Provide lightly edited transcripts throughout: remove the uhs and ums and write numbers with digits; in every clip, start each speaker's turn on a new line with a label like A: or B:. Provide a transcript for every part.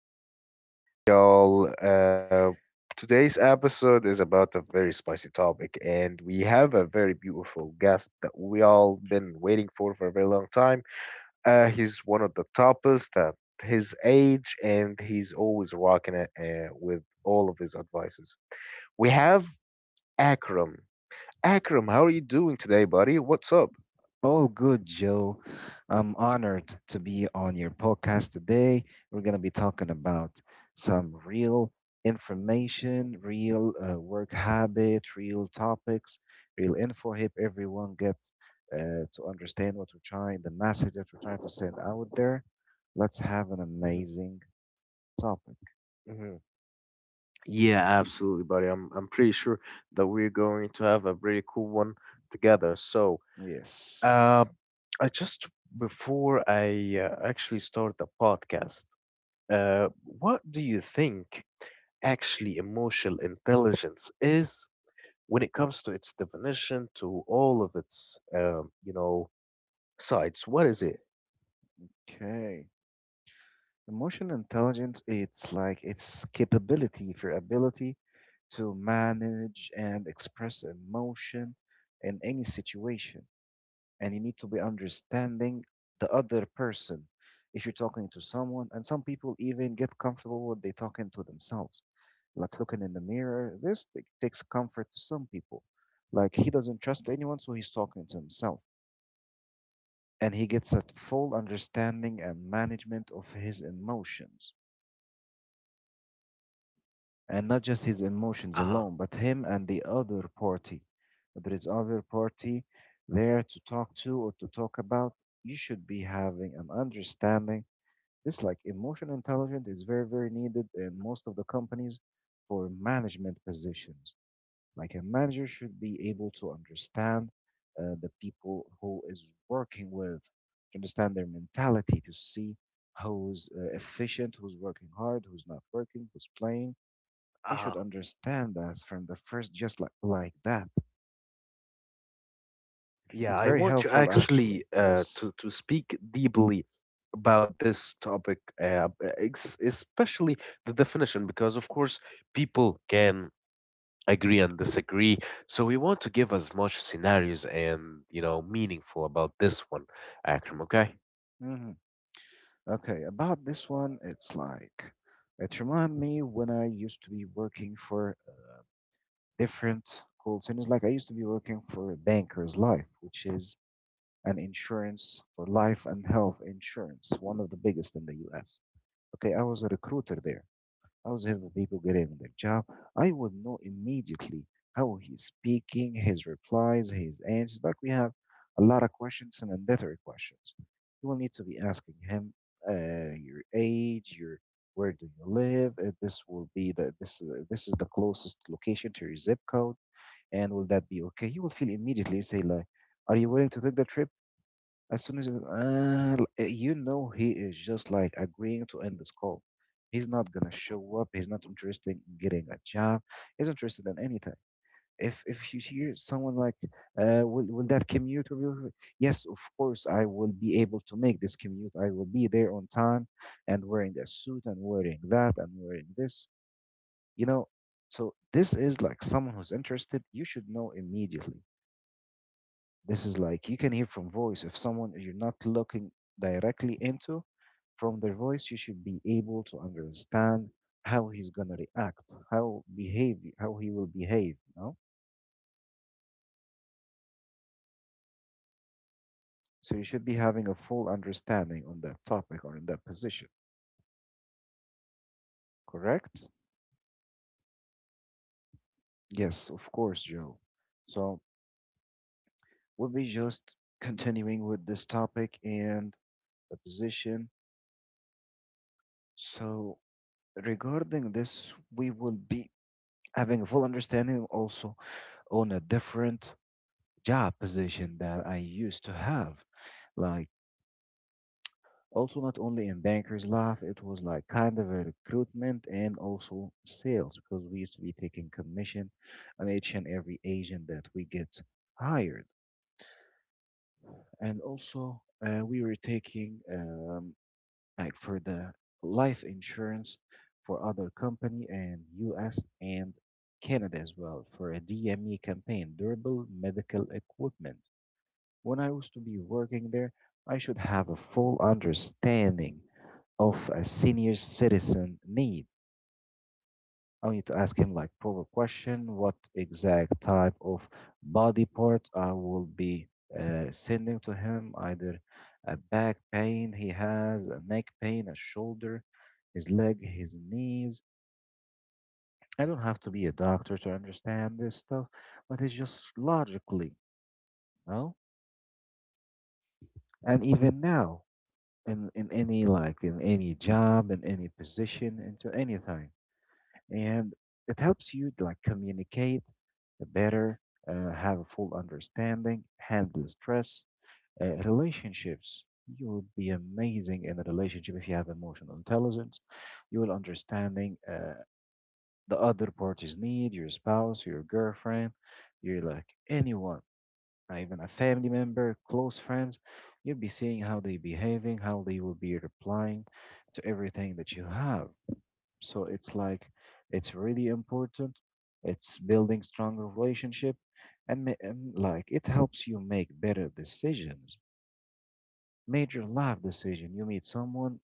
A: and welcome back, y'all. Today's episode is about a very spicy topic, and we have a very beautiful guest that we all been waiting for a very long time. He's one of the toppest at his age, and he's always rocking it with all of his advices. We have Akram. Akram, how are you doing today, buddy? What's up?
B: Oh, good, Joe. I'm honored to be on your podcast today. We're going to be talking about some real information, real work habit, real topics, real info. Help everyone get to understand the message that we're trying to send out there. Let's have an amazing topic.
A: hmm Yeah, absolutely, buddy. I'm pretty sure that we're going to have a pretty cool one together. So,
B: Yes.
A: uh, I just before I actually start the podcast, what do you think actually emotional intelligence is when it comes to its definition to all of its sides? What is it?
B: Okay. Emotional intelligence, it's like its capability for ability to manage and express emotion in any situation. And you need to be understanding the other person if you're talking to someone. And some people even get comfortable when they talking to themselves, like looking in the mirror. Takes comfort to some people. Like he doesn't trust anyone, so he's talking to himself, and he gets a full understanding and management of his emotions, and not just his emotions
A: Uh-huh.
B: alone but him and the other party. There is other party there to talk to or to talk about. You should be having an understanding. This like emotional intelligence is very very needed in most of the companies for management positions. Like a manager should be able to understand the people who is working with, to understand their mentality, to see who's efficient, who's working hard, who's not working, who's playing. He should
A: Uh-huh.
B: understand us from the first, just like that. It's
A: Yeah, I
B: very
A: want to
B: helpful, actually.
A: actually
B: Yes.
A: to speak deeply about this topic, especially the definition, because of course people can agree and disagree. So we want to give as much scenarios and you know meaningful about this one, Akram. Okay.
B: Hmm. Okay, about this one, it's like it reminds me when I used to be working for different call centers. Like I used to be working for Banker's Life, which is and insurance for life and health insurance, one of the biggest in the US. Okay, I was a recruiter there. I was helping people getting their job. I would know immediately how he's speaking, his replies, his answers. Like we have a lot of questions, and mandatory questions. You will need to be asking him your age, your where do you live? This will be the this this is the closest location to your zip code, and will that be okay? You will feel immediately say like, are you willing to take the trip? As soon as you know he is just like agreeing to end this call. He's not gonna show up. He's not interested in getting a job. He's interested in anything. If you hear someone like, will that commute will be okay?" Yes, of course I will be able to make this commute. I will be there on time, and wearing a suit and wearing that and wearing this. You know, so this is like someone who's interested. You should know immediately. This is like you can hear from voice. If someone you're not looking directly into, from their voice, you should be able to understand how he's gonna react, how behave, how he will behave. No, so you should be having a full understanding on that topic or in that position. Correct? Yes, of course, Joe. So we'll be just continuing with this topic and the position. So regarding this, we will be having a full understanding also on a different job position that I used to have. Like also not only in Bankers Life, it was like kind of a recruitment and also sales because we used to be taking commission on each and every agent that we get hired. And also we were taking like for the life insurance for other company and US and Canada as well for a DME campaign, durable medical equipment. When I was to be working there, I should have a full understanding of a senior citizen need. I need to ask him like proper question, what exact type of body part I will be sending to him, either a back pain he has, a neck pain, a shoulder, his leg, his knees. I don't have to be a doctor to understand this stuff, but it's just logically, you know? And even now, in any job, in any position, into anything, and it helps you like communicate better, have a full understanding, handle stress, relationships. You will be amazing in a relationship if you have emotional intelligence. You will understanding the other party's need, your spouse, your girlfriend, you're like anyone, even a family member, close friends. You'll be seeing how they behaving, how they will be replying to everything that you have. So it's like it's really important. It's building stronger relationship, and like it helps you make better decisions,
A: Uh huh.
B: major life
A: Exactly.
B: decision. You meet someone,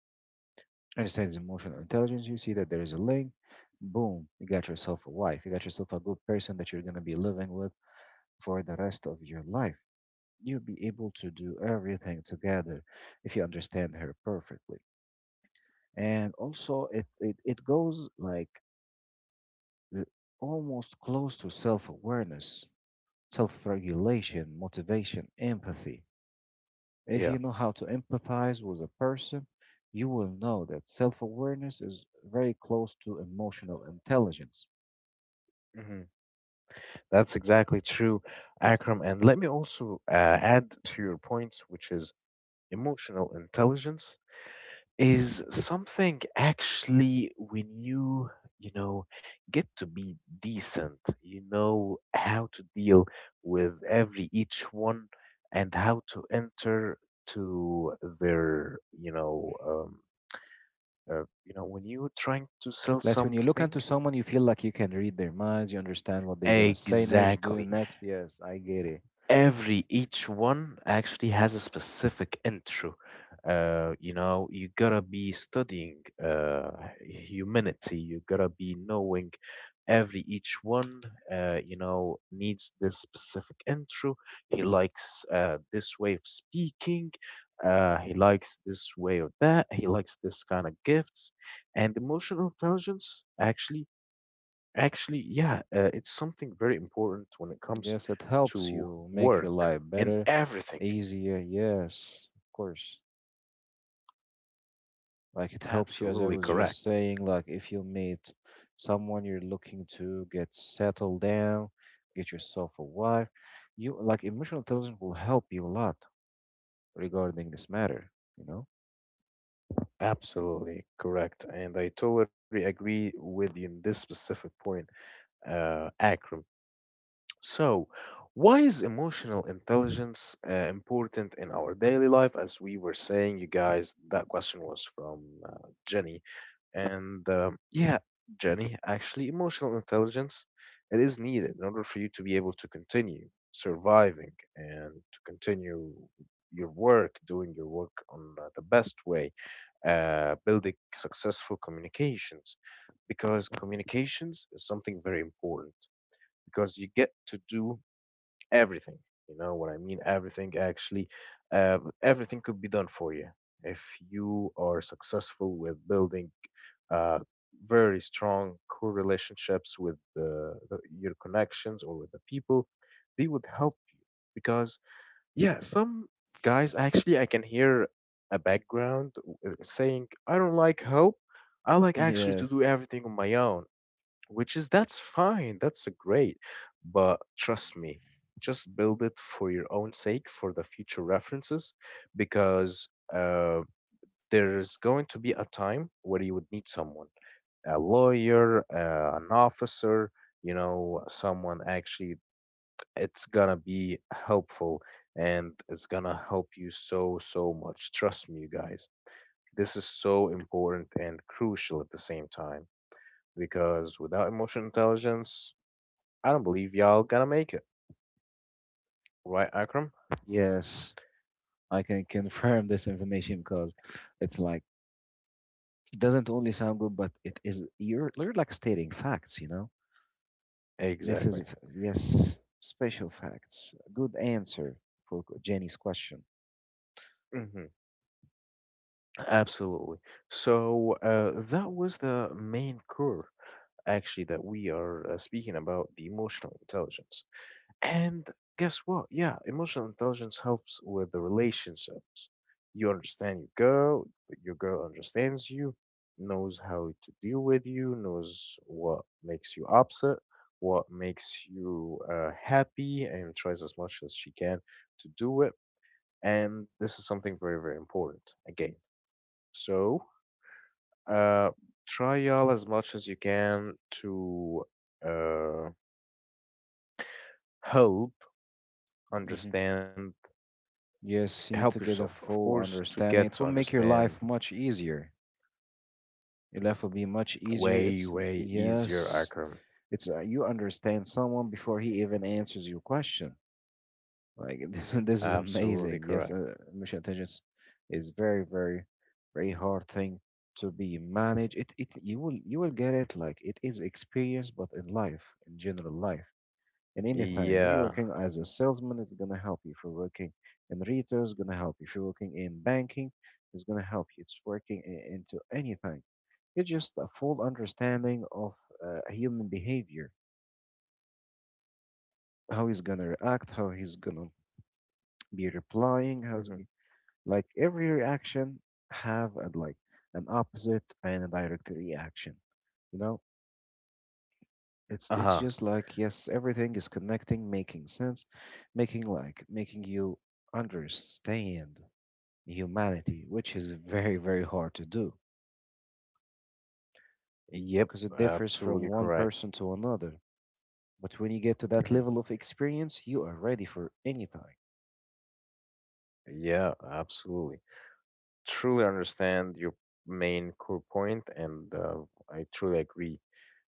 B: understands emotional intelligence, you see that there is a link, boom, you got yourself a wife, you got yourself a good person that you're gonna be living with for the rest of your life. You'll be able to do everything together if you understand her perfectly, and also it goes like l- almost close to self awareness, self
A: Mhm.
B: regulation, motivation, empathy. If
A: Yeah.
B: you know how to empathize with a person, you will know that self awareness is very close to emotional intelligence.
A: hmm That's exactly true, Akram. And let me also add to your point, which is emotional intelligence is something actually when you know, get to be decent, you know how to deal with every each one and how to enter to their, you know, when you're trying to sell
B: Less when you look
A: something,
B: into someone, you feel like you can read their minds, you understand what they're going to say next, do
A: exactly
B: next. Yes, I get it.
A: every each one actually has a specific intro. You know you gotta be studying uh, humanity. You gotta be knowing every each one you know needs this specific intro. He likes this way of speaking. He likes this way of that. He likes this kind of gifts. And emotional intelligence actually, it's something very important when it comes
B: Yes, it helps
A: to
B: you make your
A: work
B: life
A: and
B: better,
A: everything.
B: easier. Yes, of course. Like it helps you, as I
A: Absolutely
B: was just
A: correct.
B: saying, like if you meet someone you're looking to get settled down, get yourself a wife, you like emotional intelligence will help you a lot regarding this matter, you know?
A: Absolutely correct. And I totally agree with you in this specific point, Akram. So, why is emotional intelligence important in our daily life? As we were saying, you guys, that question was from Jenny. And yeah, Jenny, actually, emotional intelligence, it is needed in order for you to be able to continue surviving and to continue your work, doing your work on the best way, building successful communications, because communications is something very important, because you get to do everything. You know what I mean? Everything actually, everything could be done for you if you are successful with building uh, very strong core relationships with your connections or with the people. They would help you because yeah, some guys actually I can hear a background saying I don't like help. I like actually to do
B: Yes,
A: everything on my own, which is that's fine, that's great, but trust me, just build it for your own sake, for the future references, because uh, there's going to be a time where you would need someone, a lawyer, an officer, you know, someone actually. It's gonna be helpful, and it's gonna help you so so much. Trust me, you guys, this is so important and crucial at the same time, because without emotional intelligence, I don't believe y'all gonna make it, right, Akram?
B: yes, I can confirm this information because it's like it doesn't only sound good, but it is you're like stating facts, you know? This is,
A: Exactly.
B: yes, special facts. Good answer for Jenny's question.
A: hmm Absolutely. So that was the main core, actually, that we are speaking about, the emotional intelligence. And guess what? Yeah, emotional intelligence helps with the relationships. You understand your girl understands you, knows how to deal with you, knows what makes you upset, what makes you happy, and tries as much as she can to do it. And this is something very, very important again. So, uh, try y'all as much as you can to uh, help
B: Hmm.
A: understand, help
B: Yes, you need to
A: yourself,
B: get
A: of
B: a
A: course,
B: full
A: to get to
B: understanding. It will make your
A: understand
B: life much easier. Your life will be much easier.
A: way,
B: It's,
A: way easier,
B: yes,
A: Akram.
B: it's, you understand someone before he even answers your question. Like this, this is
A: Absolutely
B: amazing. Yes,
A: correct.
B: emotional intelligence is very, very, very hard thing to be managed. You will get it. Like it is experience, but in life, in general life, in anything. You're
A: Yeah.
B: working as a salesman, it's gonna help you. If you're working in retail, it's gonna help you. If you're working in banking, it's gonna help you. Into anything. It's just a full understanding of human behavior, how he's gonna react, how he's gonna be replying, how's
A: Mm-hmm.
B: like every reaction have a, like an opposite and a direct reaction. You know, it's
A: Uh-huh.
B: just like yes, everything is connecting, making sense, making like making you understand humanity, which is very very hard to do
A: Yep,
B: because it differs
A: absolutely
B: from one
A: correct.
B: person to another. But when you get to that
A: Mm-hmm.
B: level of experience, you are ready for anything.
A: Yeah, absolutely. Truly understand your main core point, and I truly agree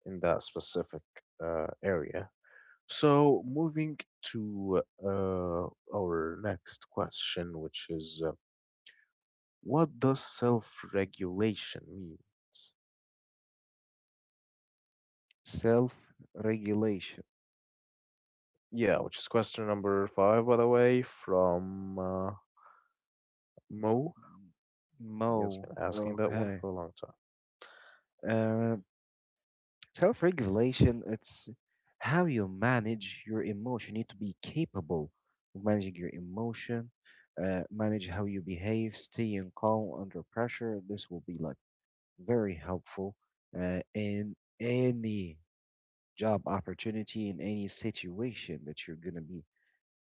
A: in that specific area. So, moving to our next question, which is, what does self-regulation means?
B: Self regulation.
A: Yeah, which is question number five, by the way, from Mo. He has
B: Mo.
A: been asking that one
B: Okay.
A: for a long time.
B: Uh, self regulation, it's how you manage your emotion. You need to be capable of managing your emotion, manage how you behave, staying calm under pressure. This will be like very helpful in any job opportunity, in any situation that you're going to be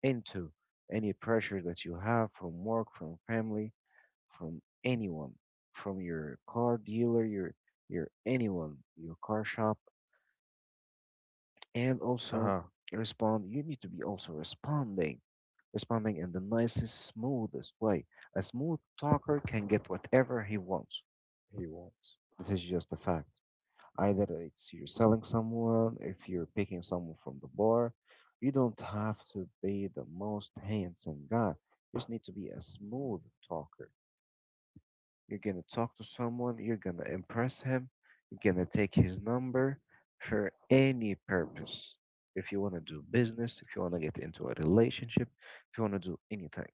B: into, any pressure that you have from work, from family, from anyone, from your car dealer, your anyone, your car shop, and
A: Uh
B: also
A: huh.
B: respond you need to be also responding in the nicest smoothest way. A smooth talker can get whatever he wants.
A: He wants.
B: This is just a fact. Either it's you're selling someone, if you're picking someone from the bar, you don't have to be the most handsome guy, you just need to be a smooth talker. You're gonna talk to someone, you're gonna impress him, you're gonna take his number for any purpose. If you wanna do business, if you wanna get into a relationship, if you wanna do anything,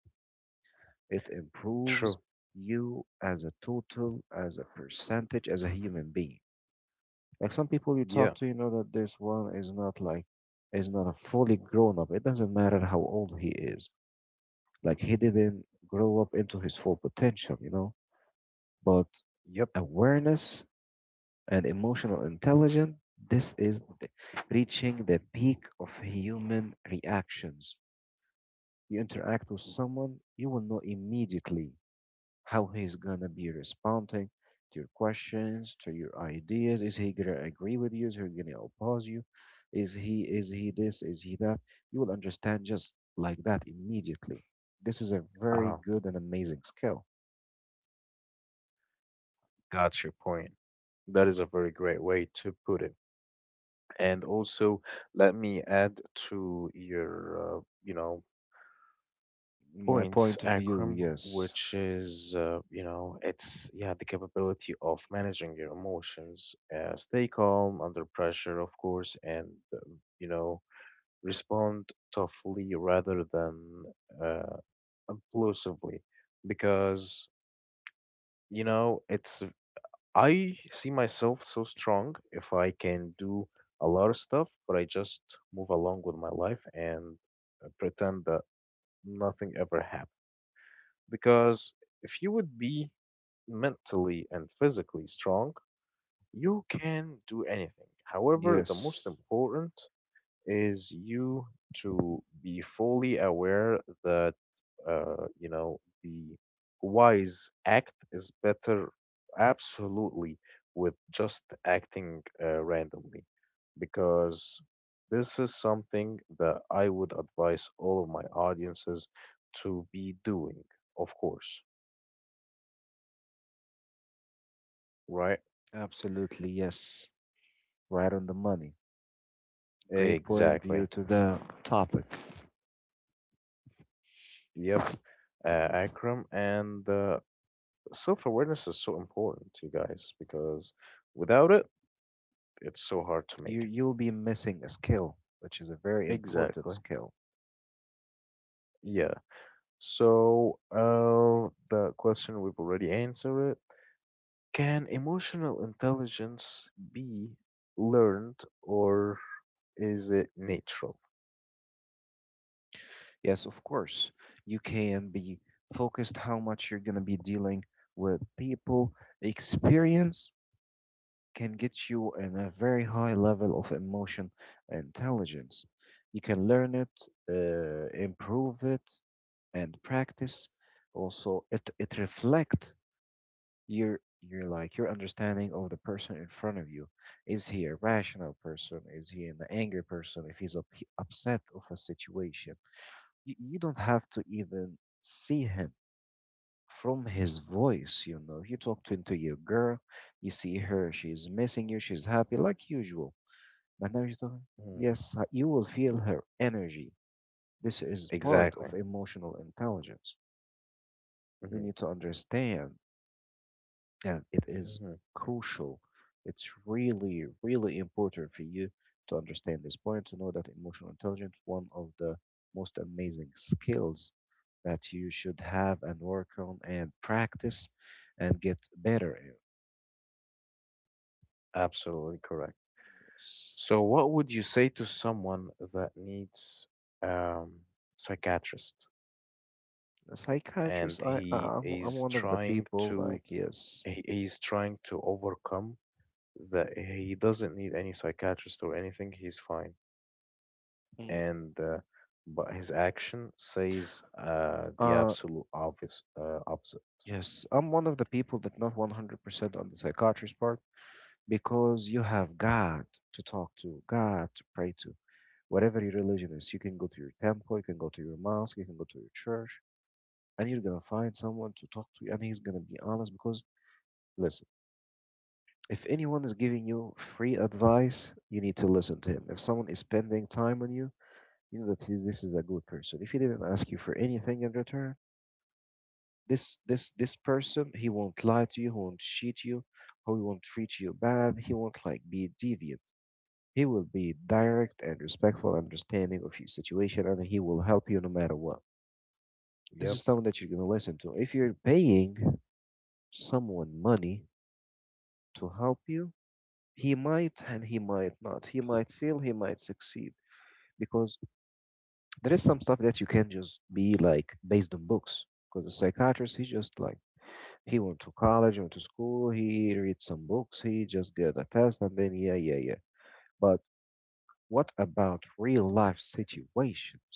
B: it
A: True.
B: improves you as a total, as a percentage, as a human being. Like some people you talk
A: Yeah.
B: to, you know that this one is not like is not a fully grown up. It doesn't matter how old he is. Like he didn't grow up into his full potential, you know. But
A: Yep.
B: awareness and emotional intelligence, this is the- reaching the peak of human reactions. You interact with someone, you will know immediately how he's gonna be responding to your questions, to your ideas. Is he gonna agree with you? Is he gonna oppose you? Is he this? Is he that? You will understand just like that immediately. This is a
A: Uh
B: very
A: huh.
B: good and amazing skill.
A: Got your point. That is a very great way to put it. And also, let me add to your, you know,
B: My
A: points,
B: point of view,
A: Akram,
B: yes.
A: which is, you know, it's yeah, the capability of managing your emotions, stay calm under pressure, of course, and um, you know, respond toughly rather than uh, impulsively, because you know, it's I see myself so strong if I can do a lot of stuff, but I just move along with my life and pretend that nothing ever happened. Because if you would be mentally and physically strong, you can do anything. However, the
B: Yes.
A: most important is you to be fully aware that you know the wise act is better absolutely with just acting randomly, because this is something that I would advise all of my audiences to be doing, of course. Right,
B: Absolutely, yes. Right on the money. Great point of view
A: exactly.
B: to the topic.
A: Yep, Akram. And self awareness is so important, you guys, because without it, it's so hard to
B: You
A: make
B: you'll be missing a skill, which is a very
A: it.
B: important
A: Exactly.
B: skill.
A: Yeah. So, the question we've already answered it. Can emotional intelligence be learned or is it natural?
B: Yes, of course. You can be focused how much you're gonna be dealing with people. Experience can get you in a very high level of emotion intelligence. You can learn it, improve it, and practice. Also, it reflects your your understanding of the person in front of you. Is he a rational person? Is he an angry person? If upset of a situation, you don't have to even see him from his voice. You know. You talk to your girl, you see her, she's missing you, she's happy, like usual. But now you talk,
A: Mhm.
B: yes, you will feel her energy. This is part
A: Exactly.
B: of emotional intelligence. You
A: hmm
B: need to understand that it is
A: hmm
B: crucial. It's really, really important for you to understand this point, to know that emotional intelligence, one of the most amazing skills that you should have and work on and practice and get better.
A: Absolutely correct.
B: Yes.
A: So, what would you say to someone that needs um, psychiatrist
B: A psychiatrist,
A: and
B: I, I
A: he
B: I'm I'm
A: is
B: one of the
A: trying
B: people
A: to
B: like yes.
A: he is trying to overcome that he doesn't need any psychiatrist or anything, he's fine.
B: Mm,
A: And but his action says the
B: Uh
A: absolute obvious opposite.
B: yes, I'm one of the people that not 100% on the psychiatrist part because you have God to talk to, God to pray to. Whatever your religion is, you can go to your temple, you can go to your mosque, you can go to your church, and you're gonna find someone to talk to, and he's gonna be honest because, listen, if anyone is giving you free advice, you need to listen to him. If someone is spending time on you, you know that this is a good person. If he didn't ask you for anything in return, this person, he won't lie to you, he won't cheat you, he won't treat you bad, he won't like be deviant. He will be direct and respectful, understanding of your situation, and he will help you no matter what. This is
A: Yep,
B: someone that you're gonna listen to. If you're paying someone money to help you, he might and he might not. He might fail, he might succeed, because there is some stuff that you can just be like based on books, because the psychiatrist, he just like, he went to college, went to school, he read some books, he just get a test, and then yeah, yeah, yeah. But what about real life situations?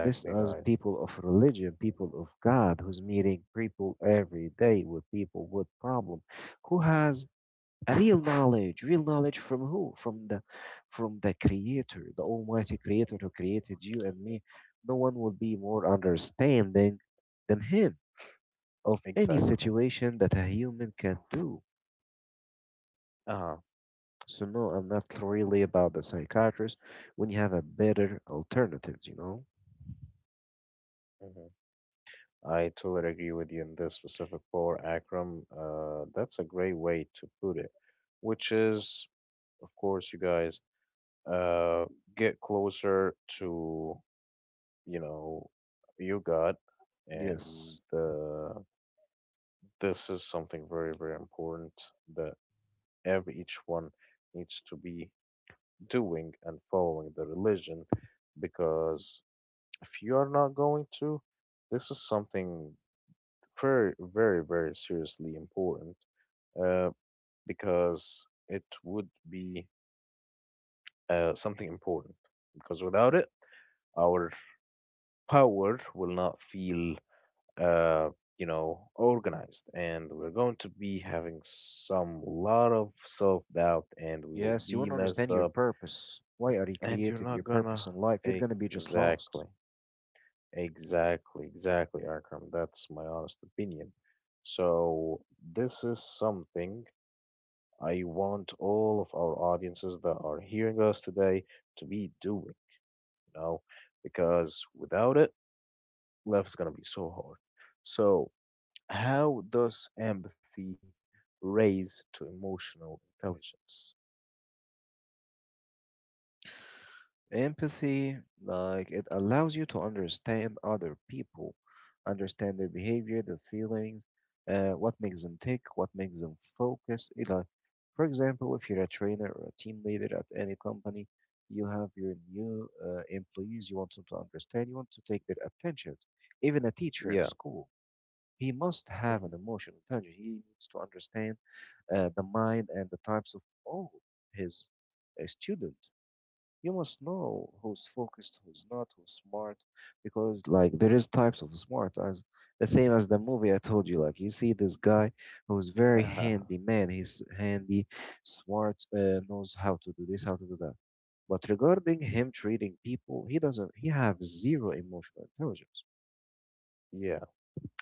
B: This, as
A: guys.
B: people of religion, people of God, who's meeting people every day, with people with problem, who has real knowledge, real knowledge, from who? From the, from the creator, the almighty creator who created you and me. No one will be more understanding than him of any
A: Exactly.
B: situation that a human can do.
A: Uh-huh.
B: So no, I'm not really about the psychiatrist when you have a better alternatives, you know?
A: Mm-hmm. I totally agree with you in this specific part, Akram. That's a great way to put it, which is, of course, you guys, uh, get closer to, you know, your God. And
B: Yes.
A: this is something very, very important, that every each one needs to be doing and following the religion, because if you are not going to, this is something very, very, very seriously important uh, because it would be something important. Because without it, our power will not feel, uh, you know, organized, and we're going to be having some lot of self doubt, and we will
B: Yes, you
A: be
B: won't
A: messed
B: understand your
A: up,
B: purpose. Why are you
A: and you're
B: created?
A: not
B: Your
A: gonna
B: purpose in life? You're gonna be just
A: exactly,
B: lost.
A: exactly, exactly, Akram. That's my honest opinion. So this is something I want all of our audiences that are hearing us today to be doing, you know, because without it, life is going to be so hard. So, how does empathy raise to emotional intelligence?
B: Empathy, like, it allows you to understand other people, understand their behavior, their feelings, what makes them tick, what makes them focus. It, like, for example, if you're a trainer or a team leader at any company, you have your new employees. You want them to understand. You want to take their attention. Even a teacher in
A: Yeah.
B: school, he must have an
A: hmm
B: emotional intelligence. He needs to understand the mind and the types of all his student. You must know who's focused, who's not, who's smart, because like there is types of smart as the same as the movie I told you. Like you see this guy who's very
A: uh
B: handy man. He's handy, smart, knows how to do this, how to do that. But regarding him treating people, he doesn't. He have zero emotional intelligence,
A: Yeah.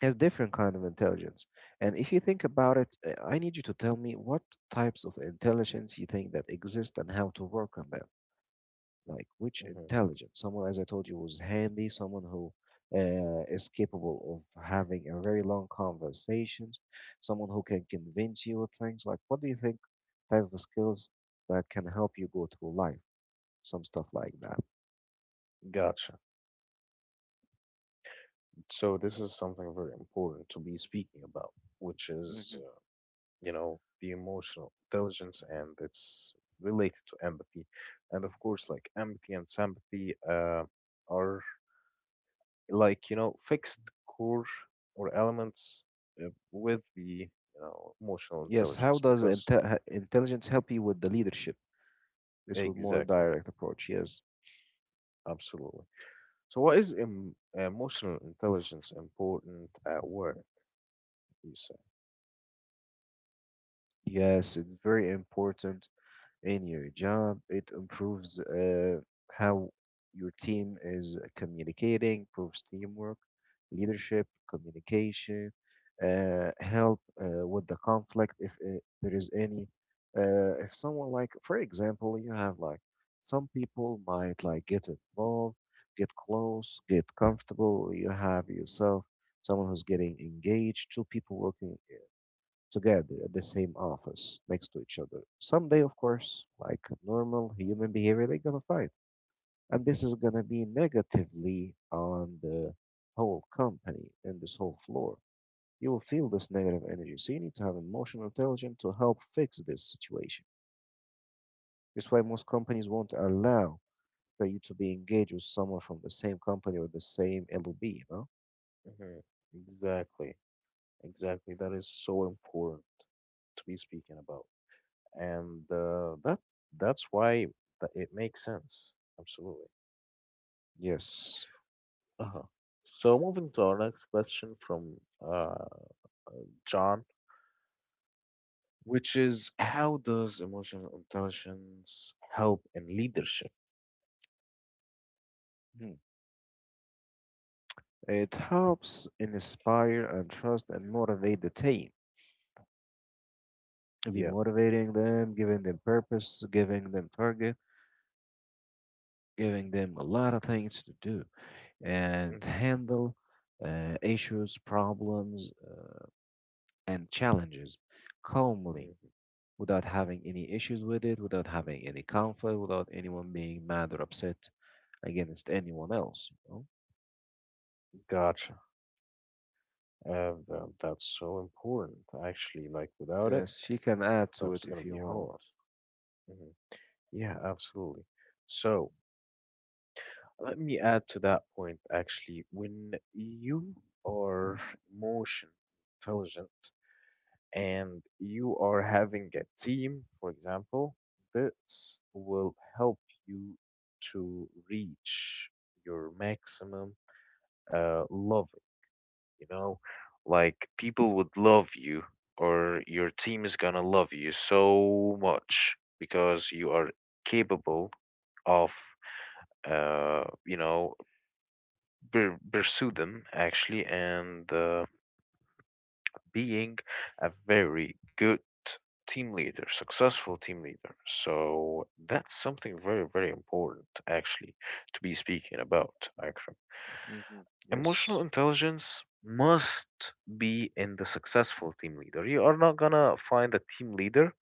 B: has different kind of intelligence. And if you think about it, I need you to tell me what types of intelligence you think that exist and how to work on them. Like which
A: hmm
B: intelligence? Someone, as I told you, was handy. Someone who is capable of having a very long conversations. Someone who can convince you of things. Like what do you think type of skills that can help you go through life? Some stuff like that.
A: Gotcha. So, this is something very important to be speaking about, which is,
B: Hmm.
A: you know, the emotional intelligence, and it's related to empathy. And of course, like empathy and sympathy are, like, you know, fixed core or elements with the, you know, emotional
B: Yes. How
A: intelligence,
B: does
A: because
B: intelligence help you with the leadership? This was more
A: exactly,
B: direct approach. Yes,
A: absolutely. So, what is emotional intelligence important at work, you say?
B: yes, it's very important in your job. It improves how your team is communicating, improves teamwork, leadership, communication, help with the conflict if there is any. If someone, like, for example, you have like some people might like get involved, get close, get comfortable. You have yourself someone who's getting engaged, two people working together at the same office next to each other. Someday, of course, like normal human behavior, they're gonna fight. And this is gonna be negatively on the whole company and this whole floor. You will feel this negative energy. So you need to have emotional intelligence to help fix this situation. That's why most companies won't allow for you to be engaged with someone from the same company or the same LOB, you know?
A: hmm Exactly, exactly. That is so important to be speaking about. And that that's why that it makes sense. Absolutely.
B: Yes.
A: Uh-huh. So moving to our next question from uh, John, which is, how does emotional intelligence help in leadership?
B: Mhm. It helps inspire and trust and motivate the team, be
A: Yeah.
B: motivating them, giving them purpose, giving them target, giving them a lot of things to do and
A: hmm
B: handle issues, problems, and challenges calmly,
A: hmm
B: without having any issues with it, without having any conflict, without anyone being mad or upset against anyone else, you know?
A: Gotcha. That's so important, actually. Like without it,
B: Yes, you can add to
A: that's
B: it if
A: gonna be
B: you want.
A: hard. hmm Yeah, absolutely. So let me add to that point actually. When you are emotion intelligent and you are having a team, for example, this will help you to reach your maximum love, you know, like people would love you or your team is gonna love you so much, because you are capable of you know pursue them actually, and being a very good team leader, successful team leader. So that's something very very important actually to be speaking about, Akram.
B: Hmm.
A: Emotional
B: Yes.
A: intelligence must be in the successful team leader. You are not gonna find a team leader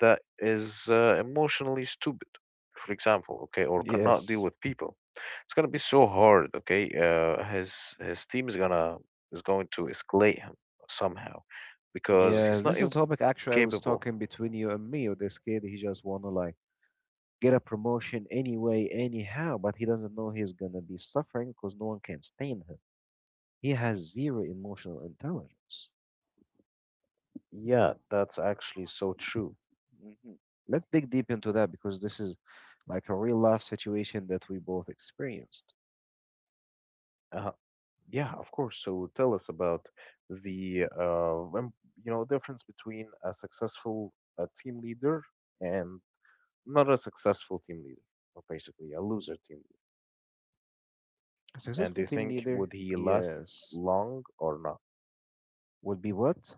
A: that is emotionally stupid, for example, okay, or cannot deal
B: Yes.
A: with people. It's gonna be so hard, okay? His team is gonna is going to escalate him somehow because he's
B: Yes,
A: not
B: this is a topic actually I was
A: capable.
B: talking between you and me. With this kid, he just wanna like get a promotion anyway, anyhow, but he doesn't know he's gonna be suffering because no one can stand him. He has zero emotional intelligence.
A: Yeah, that's actually so true.
B: Mhm. Let's dig deep into that, because this is like a real life situation that we both experienced.
A: Uh, yeah, of course. So tell us about the you know difference between a successful team leader and not a successful team leader, or basically a loser team leader.
B: A
A: And do
B: successful
A: you
B: team
A: think
B: leader,
A: would he last
B: yes,
A: long or not?
B: would be what?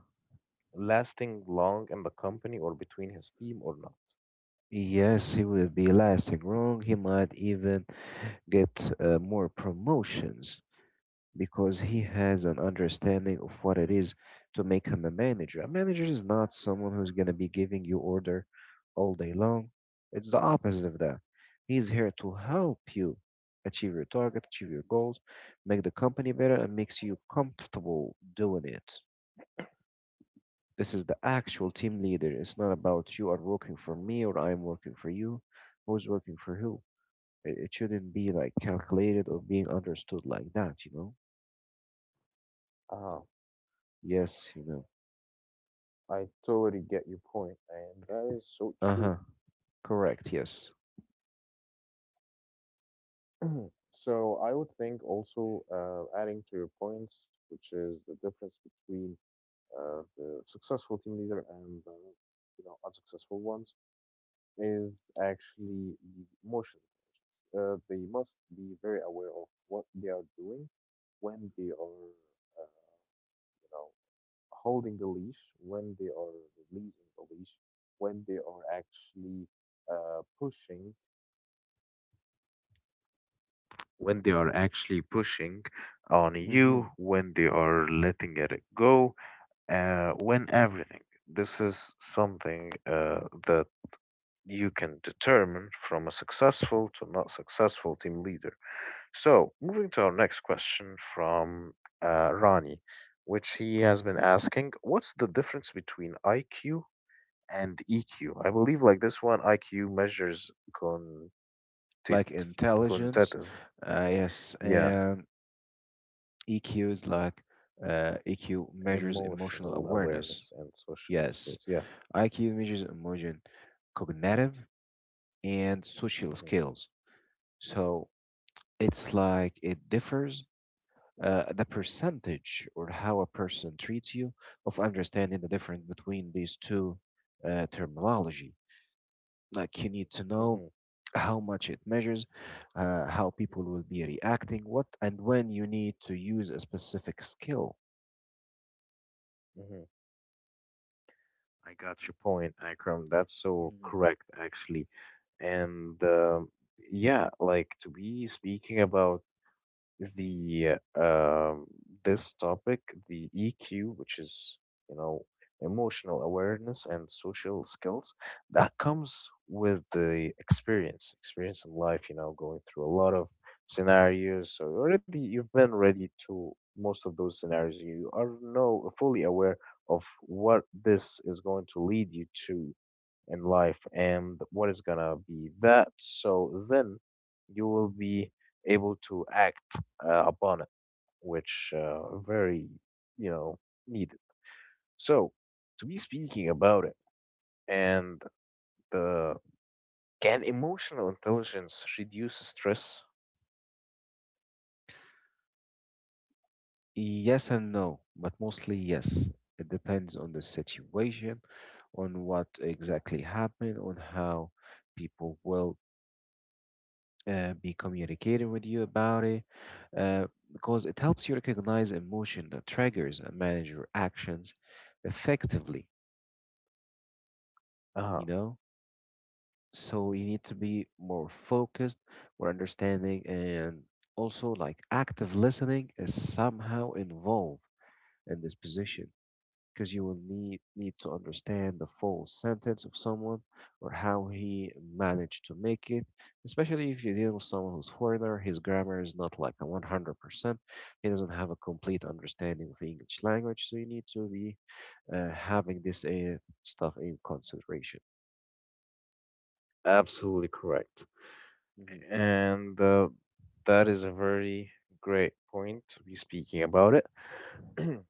A: Lasting long in the company or between his team or not?
B: Yes, he will be lasting wrong. He might even get more promotions because he has an understanding of what it is to make him a manager. A manager is not someone who's going to be giving you order all day long. It's the opposite of that. He's here to help you achieve your target, achieve your goals, make the company better, and makes you comfortable doing it. This is the actual team leader. It's not about you are working for me or I'm working for you. Who's working for who? It shouldn't be like calculated or being understood like that, you know?
A: Ah,
B: Yes, you know.
A: I totally get your point, and that is so
B: Uh
A: true.
B: huh. Correct, yes.
A: So I would think also adding to your points, which is the difference between the successful team leader and you know unsuccessful ones is actually the emotion intelligence. They must be very aware of what they are doing when they are uh, you know holding the leash, when they are releasing the leash, when they are actually pushing. When they are actually pushing on
B: Hmm.
A: you, when they are letting it go, when everything. This is something that you can determine from a successful to not successful team leader. So, moving to our next question from Ronnie, which he has been asking, what's the difference between IQ and EQ? I believe, like this one, IQ measures contit-
B: Like intelligence,
A: quantitative,
B: yes,
A: yeah,
B: and EQ is like, EQ measures emotional
A: emotional
B: awareness,
A: awareness and social
B: yes.
A: skills. Yeah.
B: IQ measures emotion, cognitive, and social
A: hmm
B: skills. So it's like it differs the percentage or how a person treats you of understanding the difference between these two terminology. Like you need to know
A: hmm
B: how much it measures, how people will be reacting, what and when you need to use a specific skill.
A: hmm I got your point, Akram. That's so
B: Mhm.
A: correct, actually. And yeah, like to be speaking about the this topic, the EQ, which is you know emotional awareness and social skills, that comes with the experience, experience in life. You know, going through a lot of scenarios. So already you've been ready to most of those scenarios. You are know fully aware of what this is going to lead you to in life and what is gonna be that. So then you will be able to act upon it, which very you know needed. So to be speaking about it and the can emotional intelligence reduce stress?
B: Yes and no, but mostly yes. It depends on the situation, on what exactly happened, on how people will be communicating with you about it, uh, because it helps you recognize emotion that triggers and manage your actions effectively.
A: Uh-huh.
B: You know. So you need to be more focused, more understanding, and also like active listening is somehow involved in this position, because you will need to understand the full sentence of someone, or how he managed to make it, especially if you deal with someone who's foreigner, his grammar is not like a 100%, he doesn't have a complete understanding of english language, so you need to be having this stuff in consideration.
A: Absolutely correct.
B: Mhm.
A: And that is a very great point to be speaking about it.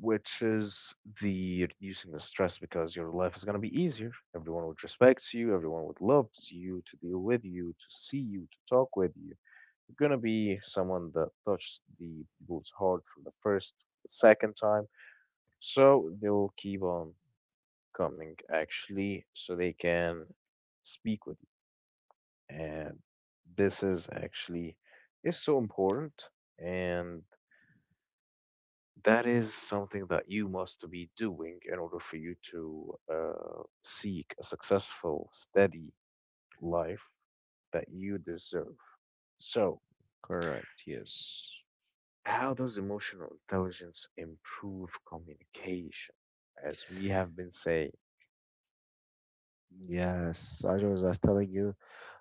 A: Which is the reducing the stress because your life is going to be easier. Everyone would respect you, everyone would love you to deal with you, to see you, to talk with you. You're going to be someone that touched the people's heart from the first, the second time. So they'll keep on coming actually so they can speak with you. And this is actually is so important and that is something that you must be doing in order for you to seek a successful, steady life that you deserve. So,
B: Correct, yes.
A: how does emotional intelligence improve communication? As we have been saying,
B: Yes, as I was just telling you,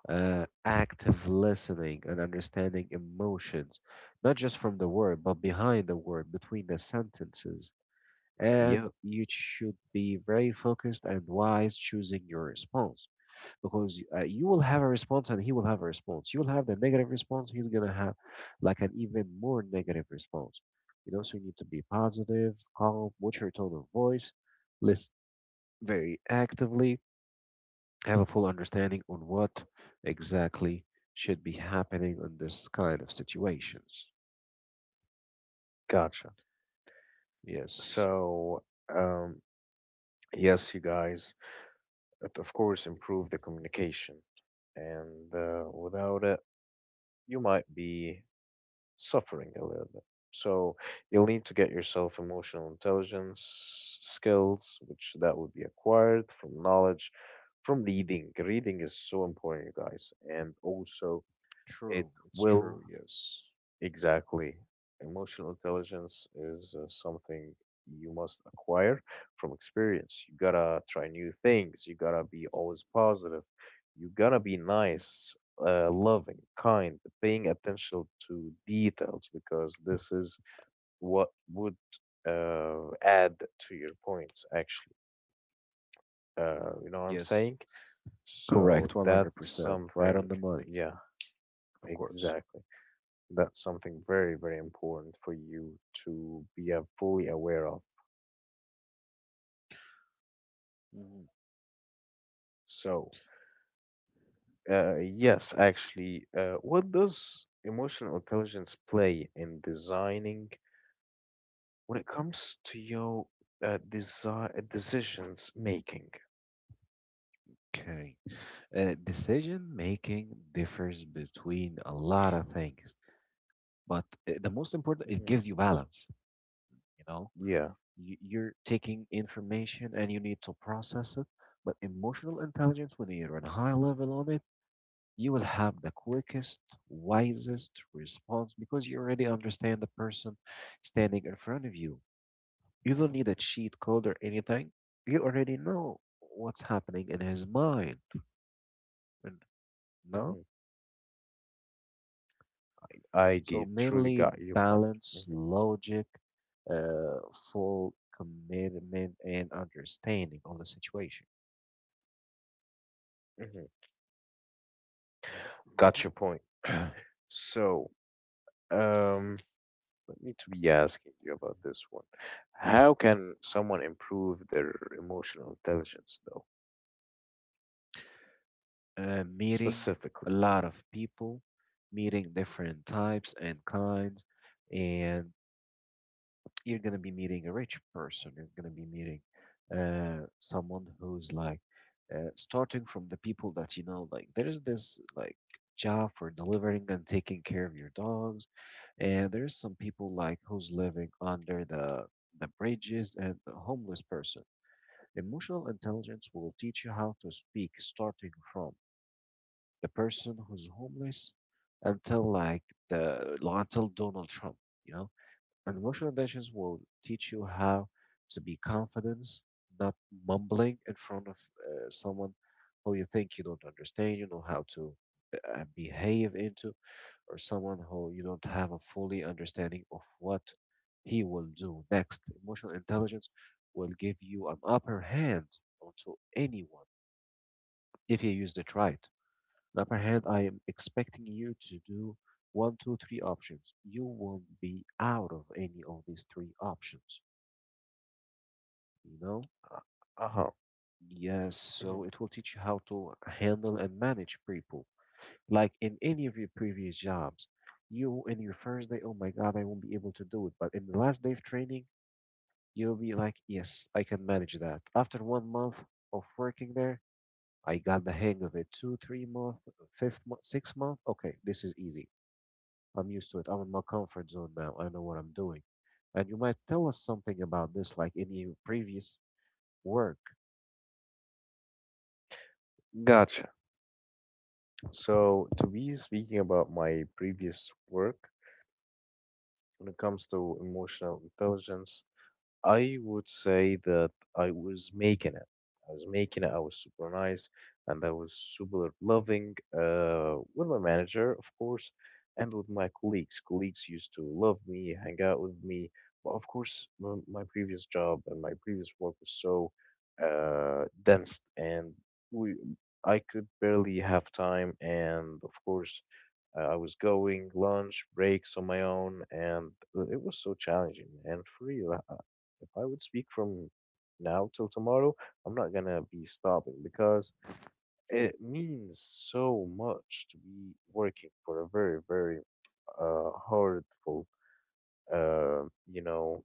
B: active listening and understanding emotions, not just from the word, but behind the word, between the sentences. And
A: yeah,
B: you should be very focused and wise choosing your response, because you will have a response and he will have a response. You will have the negative response, he's going to have like an even more negative response. You know, so you need to be positive, calm, watch your tone of voice, listen very actively, have a full understanding on what exactly should be happening in this kind of situations.
A: gotcha.
B: Yes,
A: So, um, yes, you guys, it of course improve the communication, and without it, you might be suffering a little bit. So you'll need to get yourself emotional intelligence skills, which that would be acquired from knowledge, from reading. Reading is so important, you guys, and also it
B: true. It's true.
A: will
B: Yes.
A: exactly. Emotional intelligence is something you must acquire from experience. You gotta try new things. You gotta be always positive. You gotta be nice, loving, kind, paying attention to details because this is what would add to your points, actually.
B: Hmm.
A: You know what I'm
B: Yes.
A: saying? So
B: Correct.
A: that's
B: 100%. Right on
A: something,
B: the money,
A: yeah,
B: of course.
A: exactly. That's something very, very important for you to be fully aware of.
B: Mhm.
A: So, yes, actually, what does emotional intelligence play in designing when it comes to your decisions making?
B: Okay. Decision making differs between a lot of things, but the most important, it
A: Hmm.
B: gives you balance. You know,
A: Yeah.
B: you're taking information and you need to process it, but emotional intelligence, when you're on a high level on it, you will have the quickest, wisest response because you already understand the person standing in front of you. You don't need a cheat code or anything. You already know what's happening in his mind. And… no?
A: Hmm. I
B: So,
A: truly
B: mainly
A: got your point.
B: balance,
A: Hmm.
B: logic, uh, full commitment, and understanding of the situation.
A: Hmm. Got your point.
B: uh,
A: So, um, let me to be asking you about this one. How can someone improve their emotional intelligence, though,
B: meeting
A: specifically?
B: a lot of people, meeting different types and kinds, and you're gonna be meeting a rich person. You're gonna be meeting someone who's like starting from the people that you know. Like there is this like job for delivering and taking care of your dogs, and there's some people like who's living under the bridges and a homeless person. Emotional intelligence will teach you how to speak starting from the person who's homeless until like the until Donald Trump. You know and emotional intelligence will teach you how to be confident, not mumbling in front of someone who you think you don't understand, you know how to behave into, or someone who you don't have a fully understanding of what he will do next. Emotional intelligence will give you an upper hand onto anyone if you use it right. Up ahead, I am expecting you to do one, two, three options. You won't be out of any of these three options, you know?
A: Huh.
B: Yes, so it will teach you how to handle and manage people. Like in any of your previous jobs, you in your first day, oh my God, I won't be able to do it. But in the last day of training, you'll be like, yes, I can manage that. After 1 month of working there, I got the hang of it. Two, 3 month, fifth month, 6 month. Okay, this is easy. I'm used to it. I'm in my comfort zone now. I know what I'm doing. And you might tell us something about this, like in your previous work.
A: Gotcha. So, to be speaking about my previous work, when it comes to emotional intelligence, I would say that I was making it. I was making it. I was super nice and I was super loving with my manager, of course, and with my colleagues. Colleagues used to love me, hang out with me. But of course, my previous job and my previous work was so dense, and we I could barely have time. And of course, I was going lunch, breaks on my own, and it was so challenging. And for real, if I would speak from now till tomorrow, I'm not gonna be stopping because it means so much to be working for a very, very hurtful, uh, you know,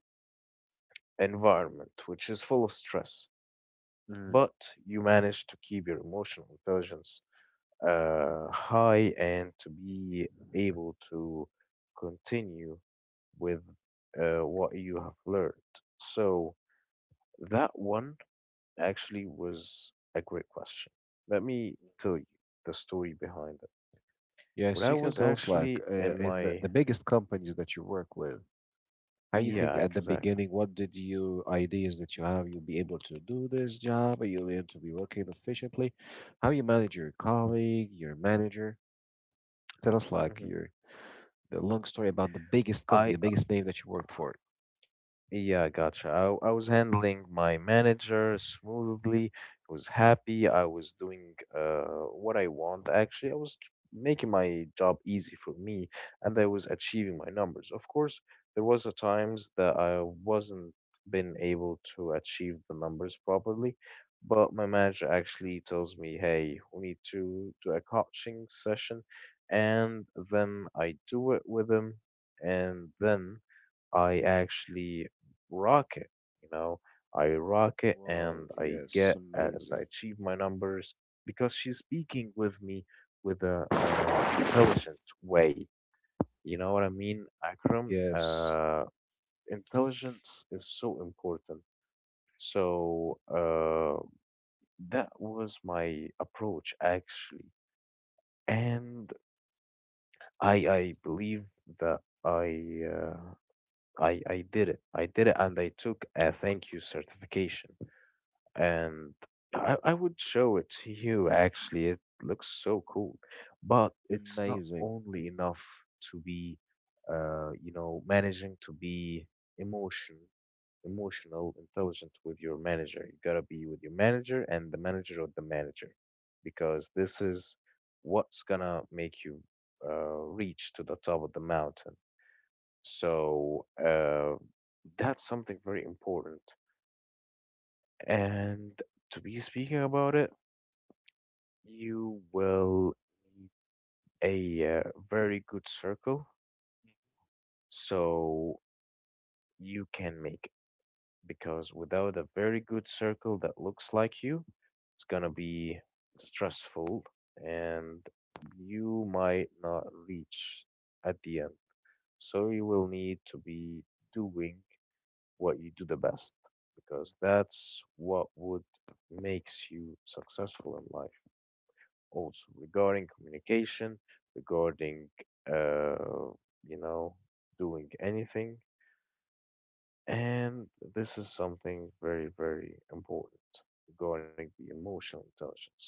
A: environment which is full of stress.
B: Mm.
A: But you manage to keep your emotional intelligence high and to be able to continue with what you have learned. So that one actually was a great question. Let me tell you the story behind it. When
B: Yes,
A: I
B: you can
A: was
B: tell us, like
A: actually in
B: in the,
A: my
B: the biggest companies that you work with. How you think
A: yeah,
B: at the
A: exactly.
B: beginning? What did you ideas that you have? You'll be able to do this job. Are you able to be working efficiently? How you manage your colleague, your manager? Tell us, like
A: Hmm.
B: your the long story about the biggest company,
A: I
B: the biggest name that you worked for.
A: Yeah, gotcha. I was handling my manager smoothly. I was happy. I was doing what I want, actually. I was making my job easy for me and I was achieving my numbers. Of course, there was a times that I wasn't been able to achieve the numbers properly, but my manager actually tells me, "Hey, we need to do a coaching session," and then I do it with him, and then. I actually rock it. You know,
B: Wow,
A: I
B: yes,
A: get and I
B: amazing.
A: achieve my numbers because she's speaking with me with a intelligent way. You know what I mean, Akram?
B: Yes,
A: Intelligence is so important. So that was my approach actually, and I believe that I did it. I did it, and I took a thank you certification. And I would show it to you actually. It looks so cool, but it's not
B: amazing.
A: only enough to be, managing to be emotion, emotional, intelligent with your manager. You gotta be with your manager and the manager of the manager, because this is what's gonna make you reach to the top of the mountain. So that's something very important. And to be speaking about it, you will need a very good circle so you can make it. Because without a very good circle that looks like you, it's gonna be stressful and you might not reach at the end. So you will need to be doing what you do the best because that's what would makes you successful in life. Also regarding communication, regarding, uh, you know, doing anything. And this is something very, very important regarding the emotional intelligence.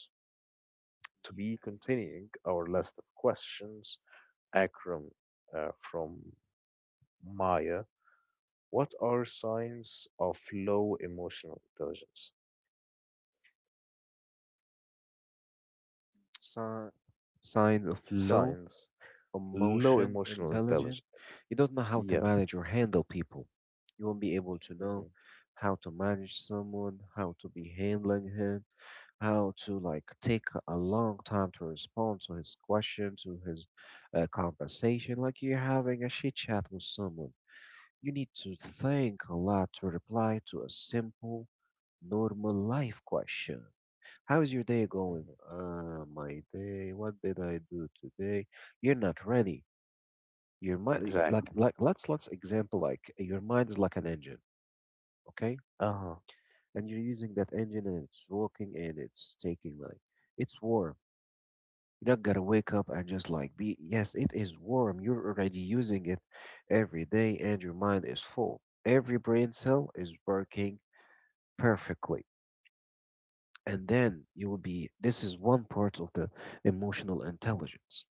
A: To be continuing our list of questions, Akram from Maya, what are signs of low emotional intelligence?
B: Sign, signs of low
A: Signs, low
B: emotion
A: emotional
B: intelligent,
A: intelligence.
B: you don't know how to
A: Yeah.
B: manage or handle people. You won't be able to know
A: Hmm.
B: how to manage someone, how to be handling him, how to like take a long time to respond to his question, to his conversation. Like you're having a chit chat with someone, you need to think a lot to reply to a simple, normal life question. How is your day going?
A: Hmm.
B: My day. What did I do today? You're not ready. Your mind,
A: Exactly.
B: like let's example like your mind is like an engine, okay?
A: Uh huh.
B: And you're using that engine and it's walking and it's taking like it's warm. You're not gonna wake up and just like be yes, it is warm. You're already using it every day and your mind is full. Every brain cell is working perfectly. And then you will be this is one part of the emotional intelligence.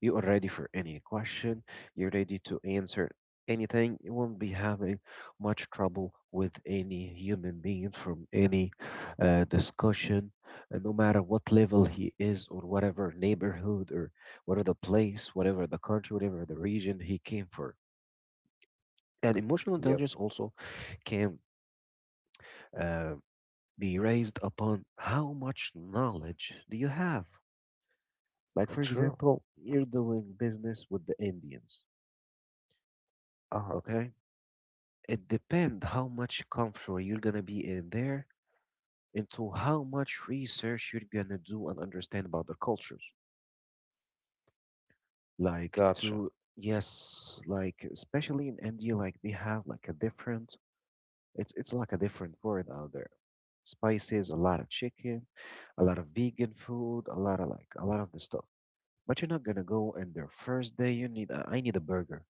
B: You are ready for any question. You're ready to answer anything. You won't be having much trouble with any human being from any discussion, no matter what level he is, or whatever neighborhood, or whatever the place, whatever the country, whatever the region he came for. And emotional
A: Yep.
B: intelligence also can uh, be raised upon how much knowledge do you have. Like, for
A: True.
B: example, you're doing business with the Indians,
A: Uh-huh.
B: okay? It depends how much comfort you're gonna be in there into how much research you're gonna do and understand about the cultures. Like
A: Gotcha.
B: to yes, like especially in India, like they have like a different it's like a different word out there. Spices, a lot of chicken, a lot of vegan food, a lot of like a lot of the stuff. But you're not gonna go in there first day you need I need a burger.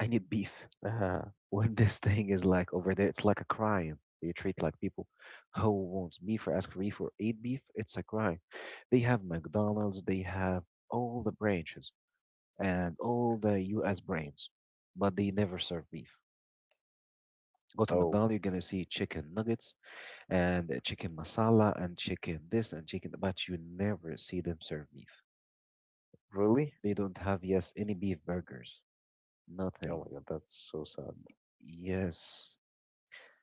B: I need beef.
A: Uh-huh.
B: When this thing is like over there, it's like a crime. They treat like people who wants beef or ask for beef or eat beef. It's a crime. They have McDonald's, they have all the branches and all the US brands, but they never serve beef. Go to McDonald's,
A: Oh,
B: you're gonna see chicken nuggets and chicken masala and chicken this and chicken, but you never see them serve beef.
A: really?
B: They don't have, yes, any beef burgers.
A: Oh
B: Nothing.
A: my God, that's so sad.
B: Yes,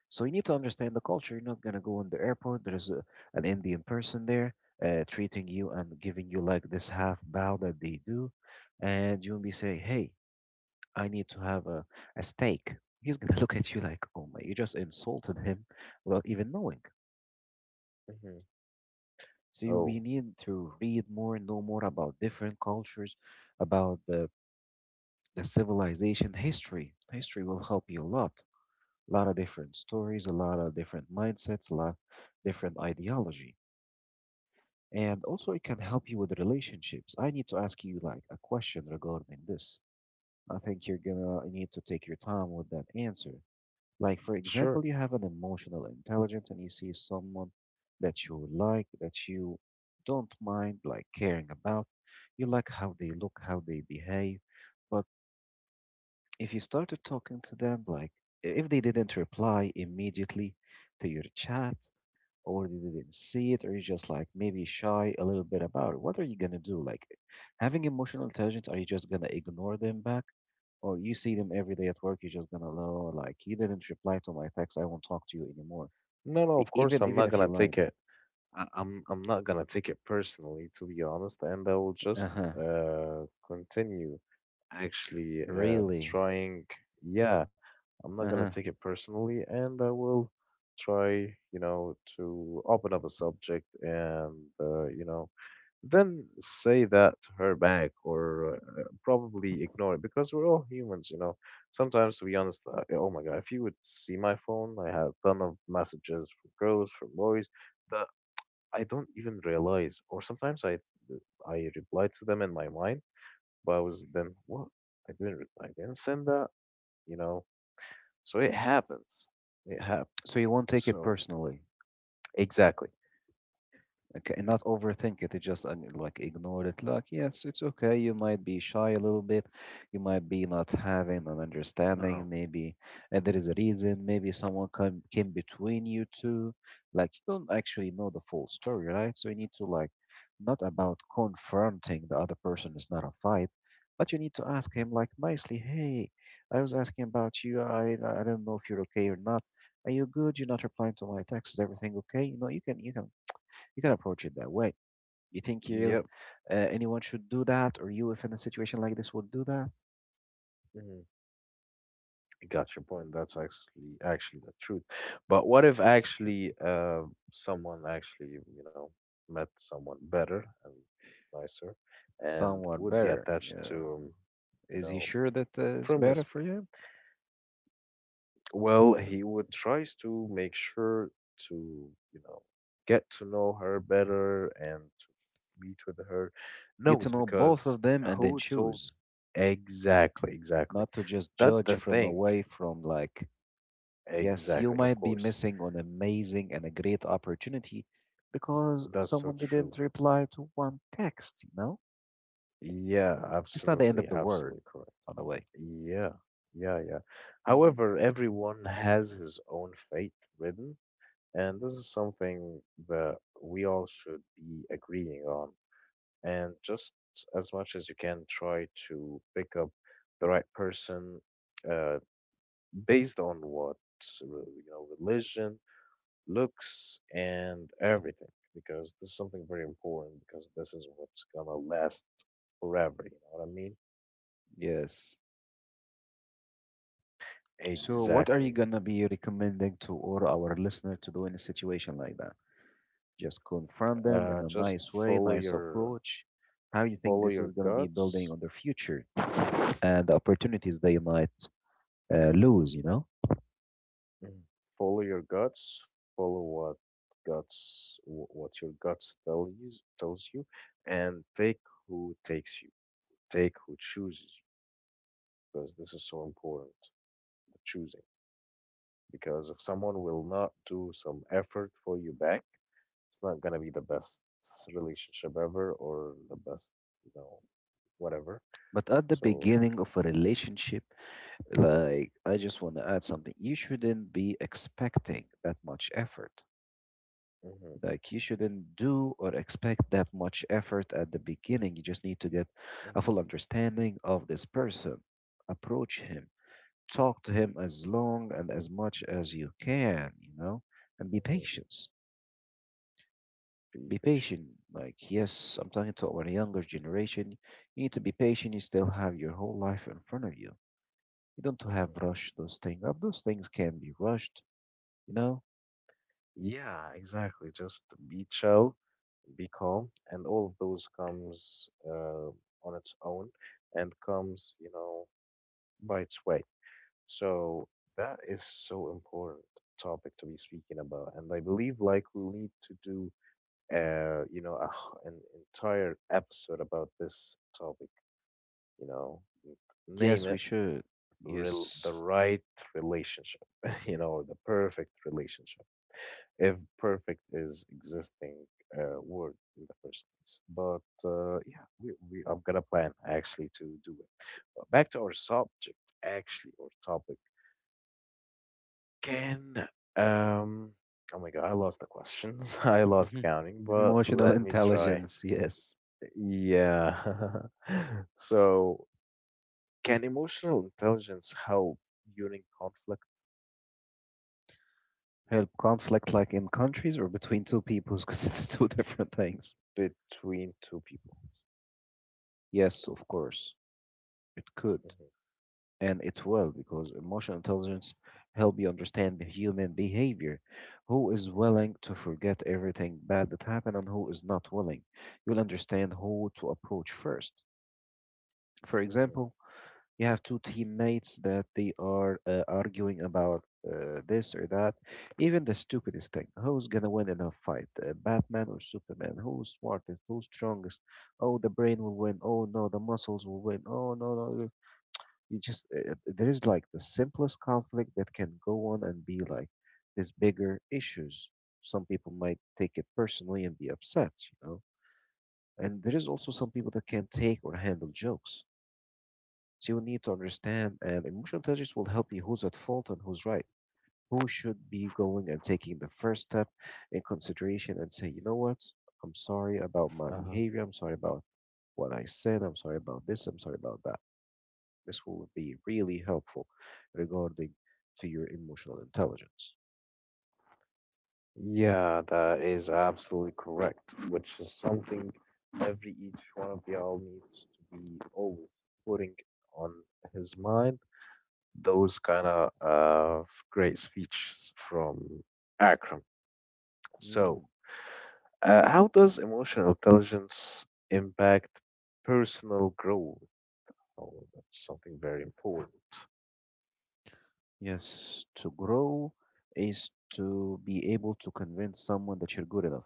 B: so you need to understand the culture. You're not gonna go in the airport. There's an Indian person there treating you and giving you like this half bow that they do, and you'll be saying, "Hey, I need to have a steak." He's gonna look at you like, "Oh my, you just insulted him without even knowing."
A: Hmm.
B: So you we
A: Oh,
B: need to read more, know more about different cultures, about the civilization history. History will help you a lot. A lot of different stories, a lot of different mindsets, a lot different ideology. And also it can help you with relationships. I need to ask you like a question regarding this. I think you're gonna need to take your time with that answer. Like for
A: sure.
B: example, you have an emotional intelligence and you see someone that you like, that you don't mind like caring about. You like how they look, how they behave. But if you started talking to them like if they didn't reply immediately to your chat, or they didn't see it, or you're just like maybe shy a little bit about it. What are you gonna do? Like having emotional intelligence, are you just gonna ignore them back? Or you see them every day at work, you're just gonna know like you didn't reply to my text, I won't talk to you anymore.
A: No, no, of course
B: Even
A: I'm
B: even
A: not
B: if you
A: gonna
B: like
A: take
B: them.
A: it. I'm not gonna take it personally, to be honest, and I will just
B: Uh-huh.
A: continue actually
B: Really?
A: trying. Yeah, I'm not gonna
B: Uh-huh.
A: take it personally, and I will try, you know, to open up a subject and uh, you know. Then say that to her back or probably ignore it because we're all humans, you know. Sometimes, to be honest, oh my God, if you would see my phone, I have ton of messages from girls, from boys that I don't even realize. Or sometimes I replied to them in my mind, but I was then what? I didn't send that, you know. So it happens. It happens.
B: So you won't take it
A: So
B: personally.
A: exactly.
B: Okay, and not overthink it. Just like ignore it. Like, yes, it's okay. You might be shy a little bit. You might be not having an
A: Uh-huh.
B: understanding, maybe, and there is a reason. Maybe someone come came between you two. Like, you don't actually know the full story, right? So you need to like, not about confronting the other person. It's not a fight, but you need to ask him like nicely. Hey, I was asking about you. I don't know if you're okay or not. Are you good? You're not replying to my texts. Is everything okay? You know, you can you can approach it that way. You think you,
A: Yep.
B: anyone should do that, or you, if in a situation like this, would do that?
A: Mm-hmm. I got your point. That's actually the truth. But what if actually someone actually you know met someone better and nicer, and
B: Someone
A: would be
B: better.
A: attached to
B: Yeah.
A: you
B: Is he
A: know
B: sure that it's
A: from
B: better
A: his
B: for you?
A: well, he would tries to make sure to you know get to know her better and to meet with her.
B: Get to
A: Knows
B: know both
A: because
B: of them and then
A: who told
B: choose,
A: exactly.
B: not to
A: So
B: just
A: that's
B: judge
A: the
B: from
A: thing.
B: away from like, yes, you
A: Exactly, of
B: might be
A: course.
B: missing on amazing and a great opportunity because
A: That's so
B: someone
A: true.
B: didn't reply to one text, you know?
A: Yeah,
B: It's not the end of
A: absolutely,
B: the world,
A: absolutely correct.
B: by the way.
A: Yeah, yeah, yeah.
B: Hmm.
A: However, everyone has his own fate written, and this is something that we all should be agreeing on. And just as much as you can, try to pick up the right person uh, based on what religion, looks, and everything, because this is something very important, because this is what's gonna last forever, you know what I mean?
B: Yes. So, what are you
A: Exactly.
B: gonna be recommending to all our listener to do in a situation like that? Just confront them in a
A: Just
B: nice way,
A: follow
B: nice
A: your
B: approach. How you think
A: follow
B: this is
A: your
B: gonna be building
A: guts.
B: on their future and the opportunities they might lose? You know?
A: Mm. Follow your guts. Follow what your tells you, and take who takes you. Take who chooses you because this is so important. The choosing because if someone will not do some effort for you back, it's not gonna be the best relationship ever or the best you know whatever.
B: But at the
A: So
B: beginning of a relationship, like, I just want to add something. You shouldn't be expecting that much effort.
A: hmm
B: Like, you shouldn't do or expect that much effort at the beginning. You just need to get a
A: hmm
B: full understanding of this person, approach him, talk to him as long and as much as you can, you know, and be
A: hmm
B: patient.
A: be
B: Be
A: patient.
B: patient. Like, yes, I'm talking to our younger generation. You need to be patient. You still have your whole life in front of you. You don't
A: Mhm.
B: have rush those things up. Those things can be rushed, you know.
A: Yeah, exactly. Just be chill, be calm, and all of those comes on its own and comes, you know, by its way. So that is so important topic to be speaking about, and I believe like we'll need to do, a, an entire episode about this topic. You know, n- name
B: Yes, we
A: it,
B: should.
A: rel
B: Yes.
A: the right relationship, you know, or the perfect relationship. If perfect is existing word in the first place. But yeah, we I'm gonna plan actually to do it. But back to our subject, actually, or topic. Can um oh my god, I lost the questions. I
B: Hmm
A: lost counting,
B: hmm.
A: but
B: Emotional
A: let me try.
B: intelligence, yes.
A: Yeah. So, can emotional intelligence help during conflict
B: Help conflict like in countries or between two peoples because it's two different things.
A: between two people?
B: Yes,
A: Two
B: of
A: people.
B: course. It could and it will because emotional intelligence help you understand the human behavior. Who is willing
A: Hmm.
B: to forget everything bad that happened and who is not willing. You'll understand who to approach first. For
A: Hmm.
B: example, you have two teammates that they are arguing about this or that. Even the stupidest thing. Who's gonna win in a fight? Batman or Superman? Who's smartest? Who's strongest? Oh, the brain will win. Oh no, the muscles will win. Oh no, no, no. You just there is like the simplest conflict that can go on and be like these bigger issues. Some people might take it personally and be upset, you know. And there is also some people that can't take or handle jokes. So you need to understand, and emotional intelligence will help you who's at fault and who's right, who should be going and taking the first step in consideration and say, you know what, I'm sorry about my
A: Hmm.
B: behavior, I'm sorry about what I said, I'm sorry about this, I'm sorry about that. This will be really helpful regarding to your emotional intelligence.
A: Yeah, that is absolutely correct, which is something every each one of y'all needs to be always putting on his mind. Those kind of great speeches from Akram. So,
B: Mhm.
A: how does emotional intelligence impact personal growth? Oh, that's something very important.
B: Yes, to grow is to be able to convince someone that you're good enough.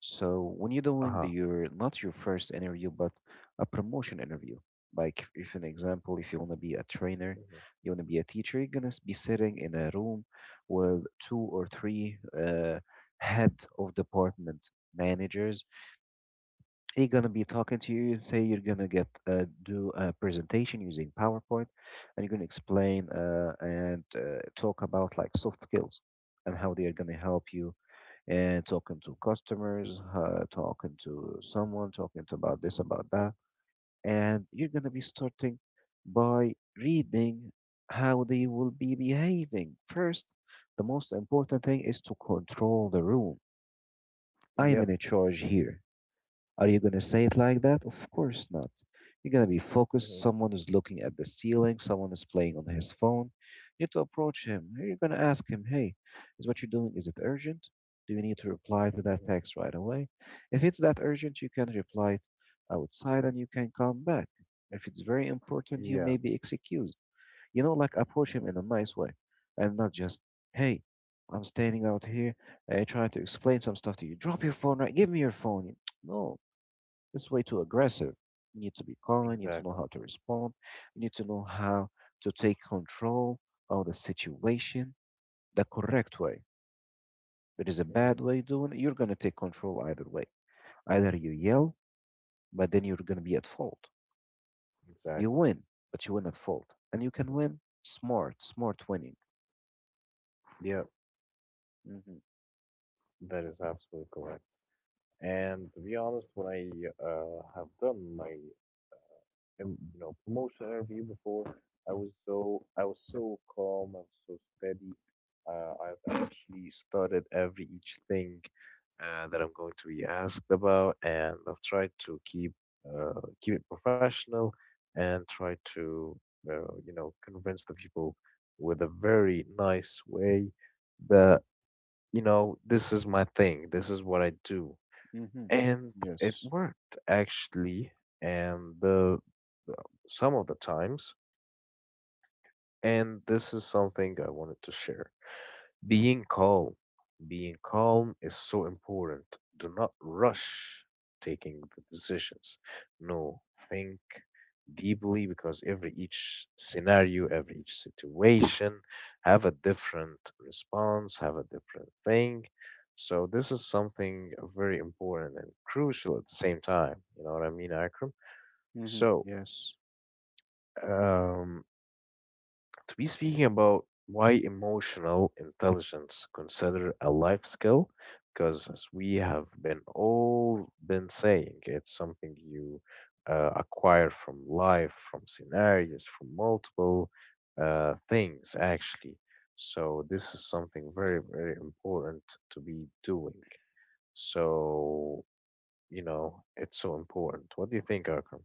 B: So when you're doing the,
A: Uh-huh.
B: your not your first interview, but a promotion interview, like if an example, if you want to be a trainer,
A: Hmm.
B: you want to be a teacher, you're gonna be sitting in a room with two or three head of department managers. They're gonna be talking to you, say you're gonna get do a presentation using PowerPoint, and you're gonna explain and talk about like soft skills and how they are gonna help you and talking to customers, talking to someone, talking to about this, about that. And you're going to be starting by reading how they will be behaving. First, the most important thing is to control the room. I am
A: Yep.
B: in charge here. Are you going to say it like that? Of course not. You're going to be focused.
A: Hmm.
B: Someone is looking at the ceiling. Someone is playing on his phone. You need to approach him. You're going to ask him, hey, is what you're doing, is it urgent? Do you need to reply to that
A: Hmm.
B: text right away? If it's that urgent, you can reply outside and you can come back. If it's very important, you
A: Yeah.
B: may be excused. You know, like approach him
A: Hmm.
B: in a nice way, and not just, hey, I'm standing out here trying to explain some stuff to you. Drop your phone, right. Give me your phone. No, it's way too aggressive. You need to be calm, you need to know
A: Exactly.
B: how to respond, you need to know how to take control of the situation the correct way. There is a
A: Hmm.
B: bad way doing it, you're going to take control either way. Either you yell, but then you're going to be at fault. You
A: Exactly.
B: win, but you win at fault. And you can
A: Hmm.
B: win smart, smart winning.
A: Yep.
B: Mm-hmm.
A: That is absolutely correct. And to be honest, when I have done my promotion interview before, I was so calm. I was so steady. I've actually studied every each thing that I'm going to be asked about, and I've tried to keep keep it professional and try to convince the people with a very nice way that this is my thing, this is what I do.
B: Mm-hmm.
A: And it
B: Yes.
A: worked actually, and the some of the times. And this is something I wanted to share. Being calm. Being calm is so important. Do not rush taking the decisions. No, think deeply, because every each scenario, every each situation have a different response, have a different thing. So this is something very important and crucial at the same time. You know what I mean, Akram?
B: Mm-hmm.
A: So,
B: Yes.
A: um, to be speaking about why emotional intelligence considered a life skill, because as we have been all been saying, it's something you acquire from life, from scenarios, from multiple things actually. So this is something very, very important to be doing. So, you know, it's so important. What do you think, Akram?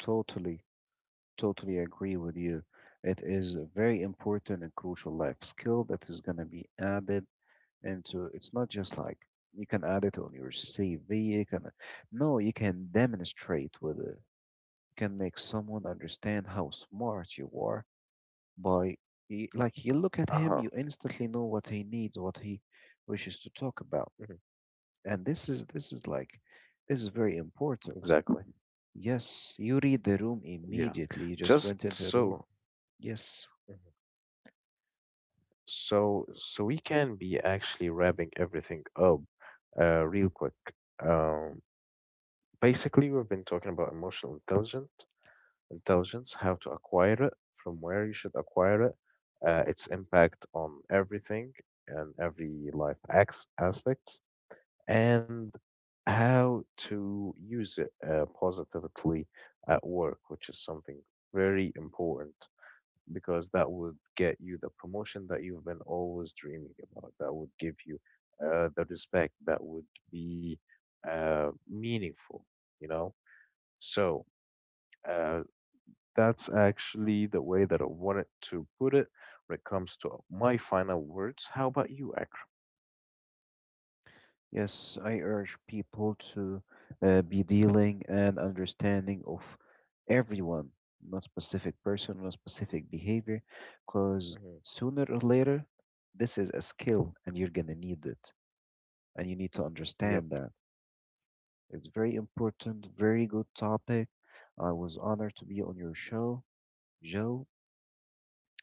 B: Totally, totally agree with you. It is a very important and crucial life skill that is going to be added into, it's not just like you can add it on your CV. You can, no, you can demonstrate with it. You can make someone understand how smart you
A: Uh
B: are
A: huh.
B: by like you look at him, you instantly know what he needs, what
A: Hmm.
B: he wishes to talk about, and this is like this is very
A: Exactly.
B: important. Yes, you read the
A: Yeah.
B: room
A: Just
B: immediately. You just
A: so.
B: went into a room. Yes.
A: So we can be actually wrapping everything up real quick. Um, Basically, we've been talking about emotional intelligence, how to acquire it, from where you should acquire it, its impact on everything and every life acts aspects, and how to use it positively at work, which is something very important, because that would get you the promotion that you've been always dreaming about. That would give you the respect that would be meaningful, you know? So uh, that's actually the way that I wanted to put it when it comes to my final words. How about you, Akram?
B: Yes, I urge people to be dealing and understanding of everyone, not specific person, not specific behavior, because
A: Mhm.
B: sooner or later, this is a skill and you're gonna need it, and you need to
A: Yep.
B: understand that. It's very important, very good topic. I was honored to be on your show, Joe,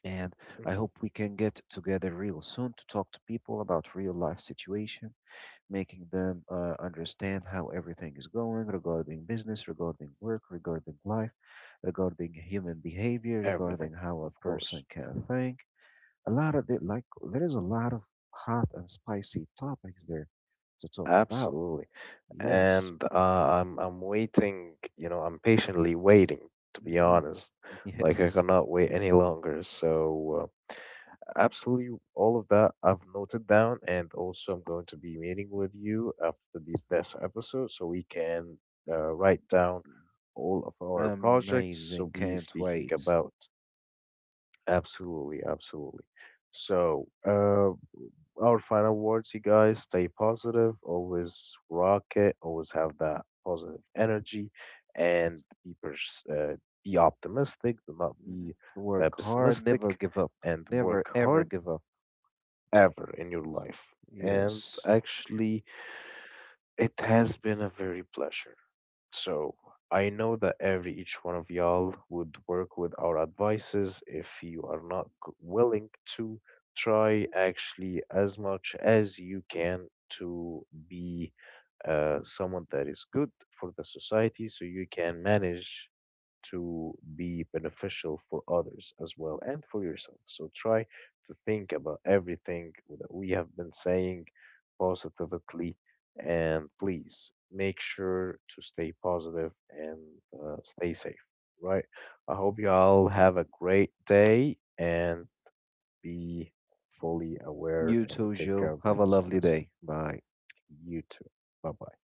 B: and I
A: Hmm.
B: hope we can get together real soon to talk to people about real life situation, making them understand how everything is going regarding business, regarding work, regarding life, regarding human behavior,
A: Everything,
B: regarding how
A: of
B: a
A: course.
B: person can think. A lot of it, like there is a lot of hot and spicy topics there to talk about.
A: Absolutely.
B: Yes,
A: And I'm waiting, I'm patiently waiting, to be
B: hmm,
A: honest. Like I
B: yes,
A: cannot wait any longer. So, absolutely all of that I've noted down, and also I'm going to be meeting with you after the this episode, so we can write down all of our projects. So
B: amazing.
A: be
B: Can't
A: speaking
B: wait.
A: about absolutely, absolutely. So our final words, you guys. Stay positive, always rock it, always have that positive energy, and be be optimistic. Do not
B: Mhm.
A: be
B: Work hard, never
A: pessimistic,
B: give up,
A: and
B: never
A: work
B: ever
A: hard
B: give up.
A: ever in your life. And
B: Yes.
A: actually, it has been a very pleasure. So, I know that every each one of y'all would work with our advices if you are not willing to try actually as much as you can to be someone that is good for the society, so you can manage to be beneficial for others as well and for yourself. So try to think about everything that we have been saying positively, and please make sure to stay positive and stay safe. Right. I hope you all have a great day, and be fully aware
B: You
A: and
B: too,
A: take care
B: Joe.
A: of
B: Have a lovely
A: yourselves.
B: day. Bye.
A: You too. Bye bye.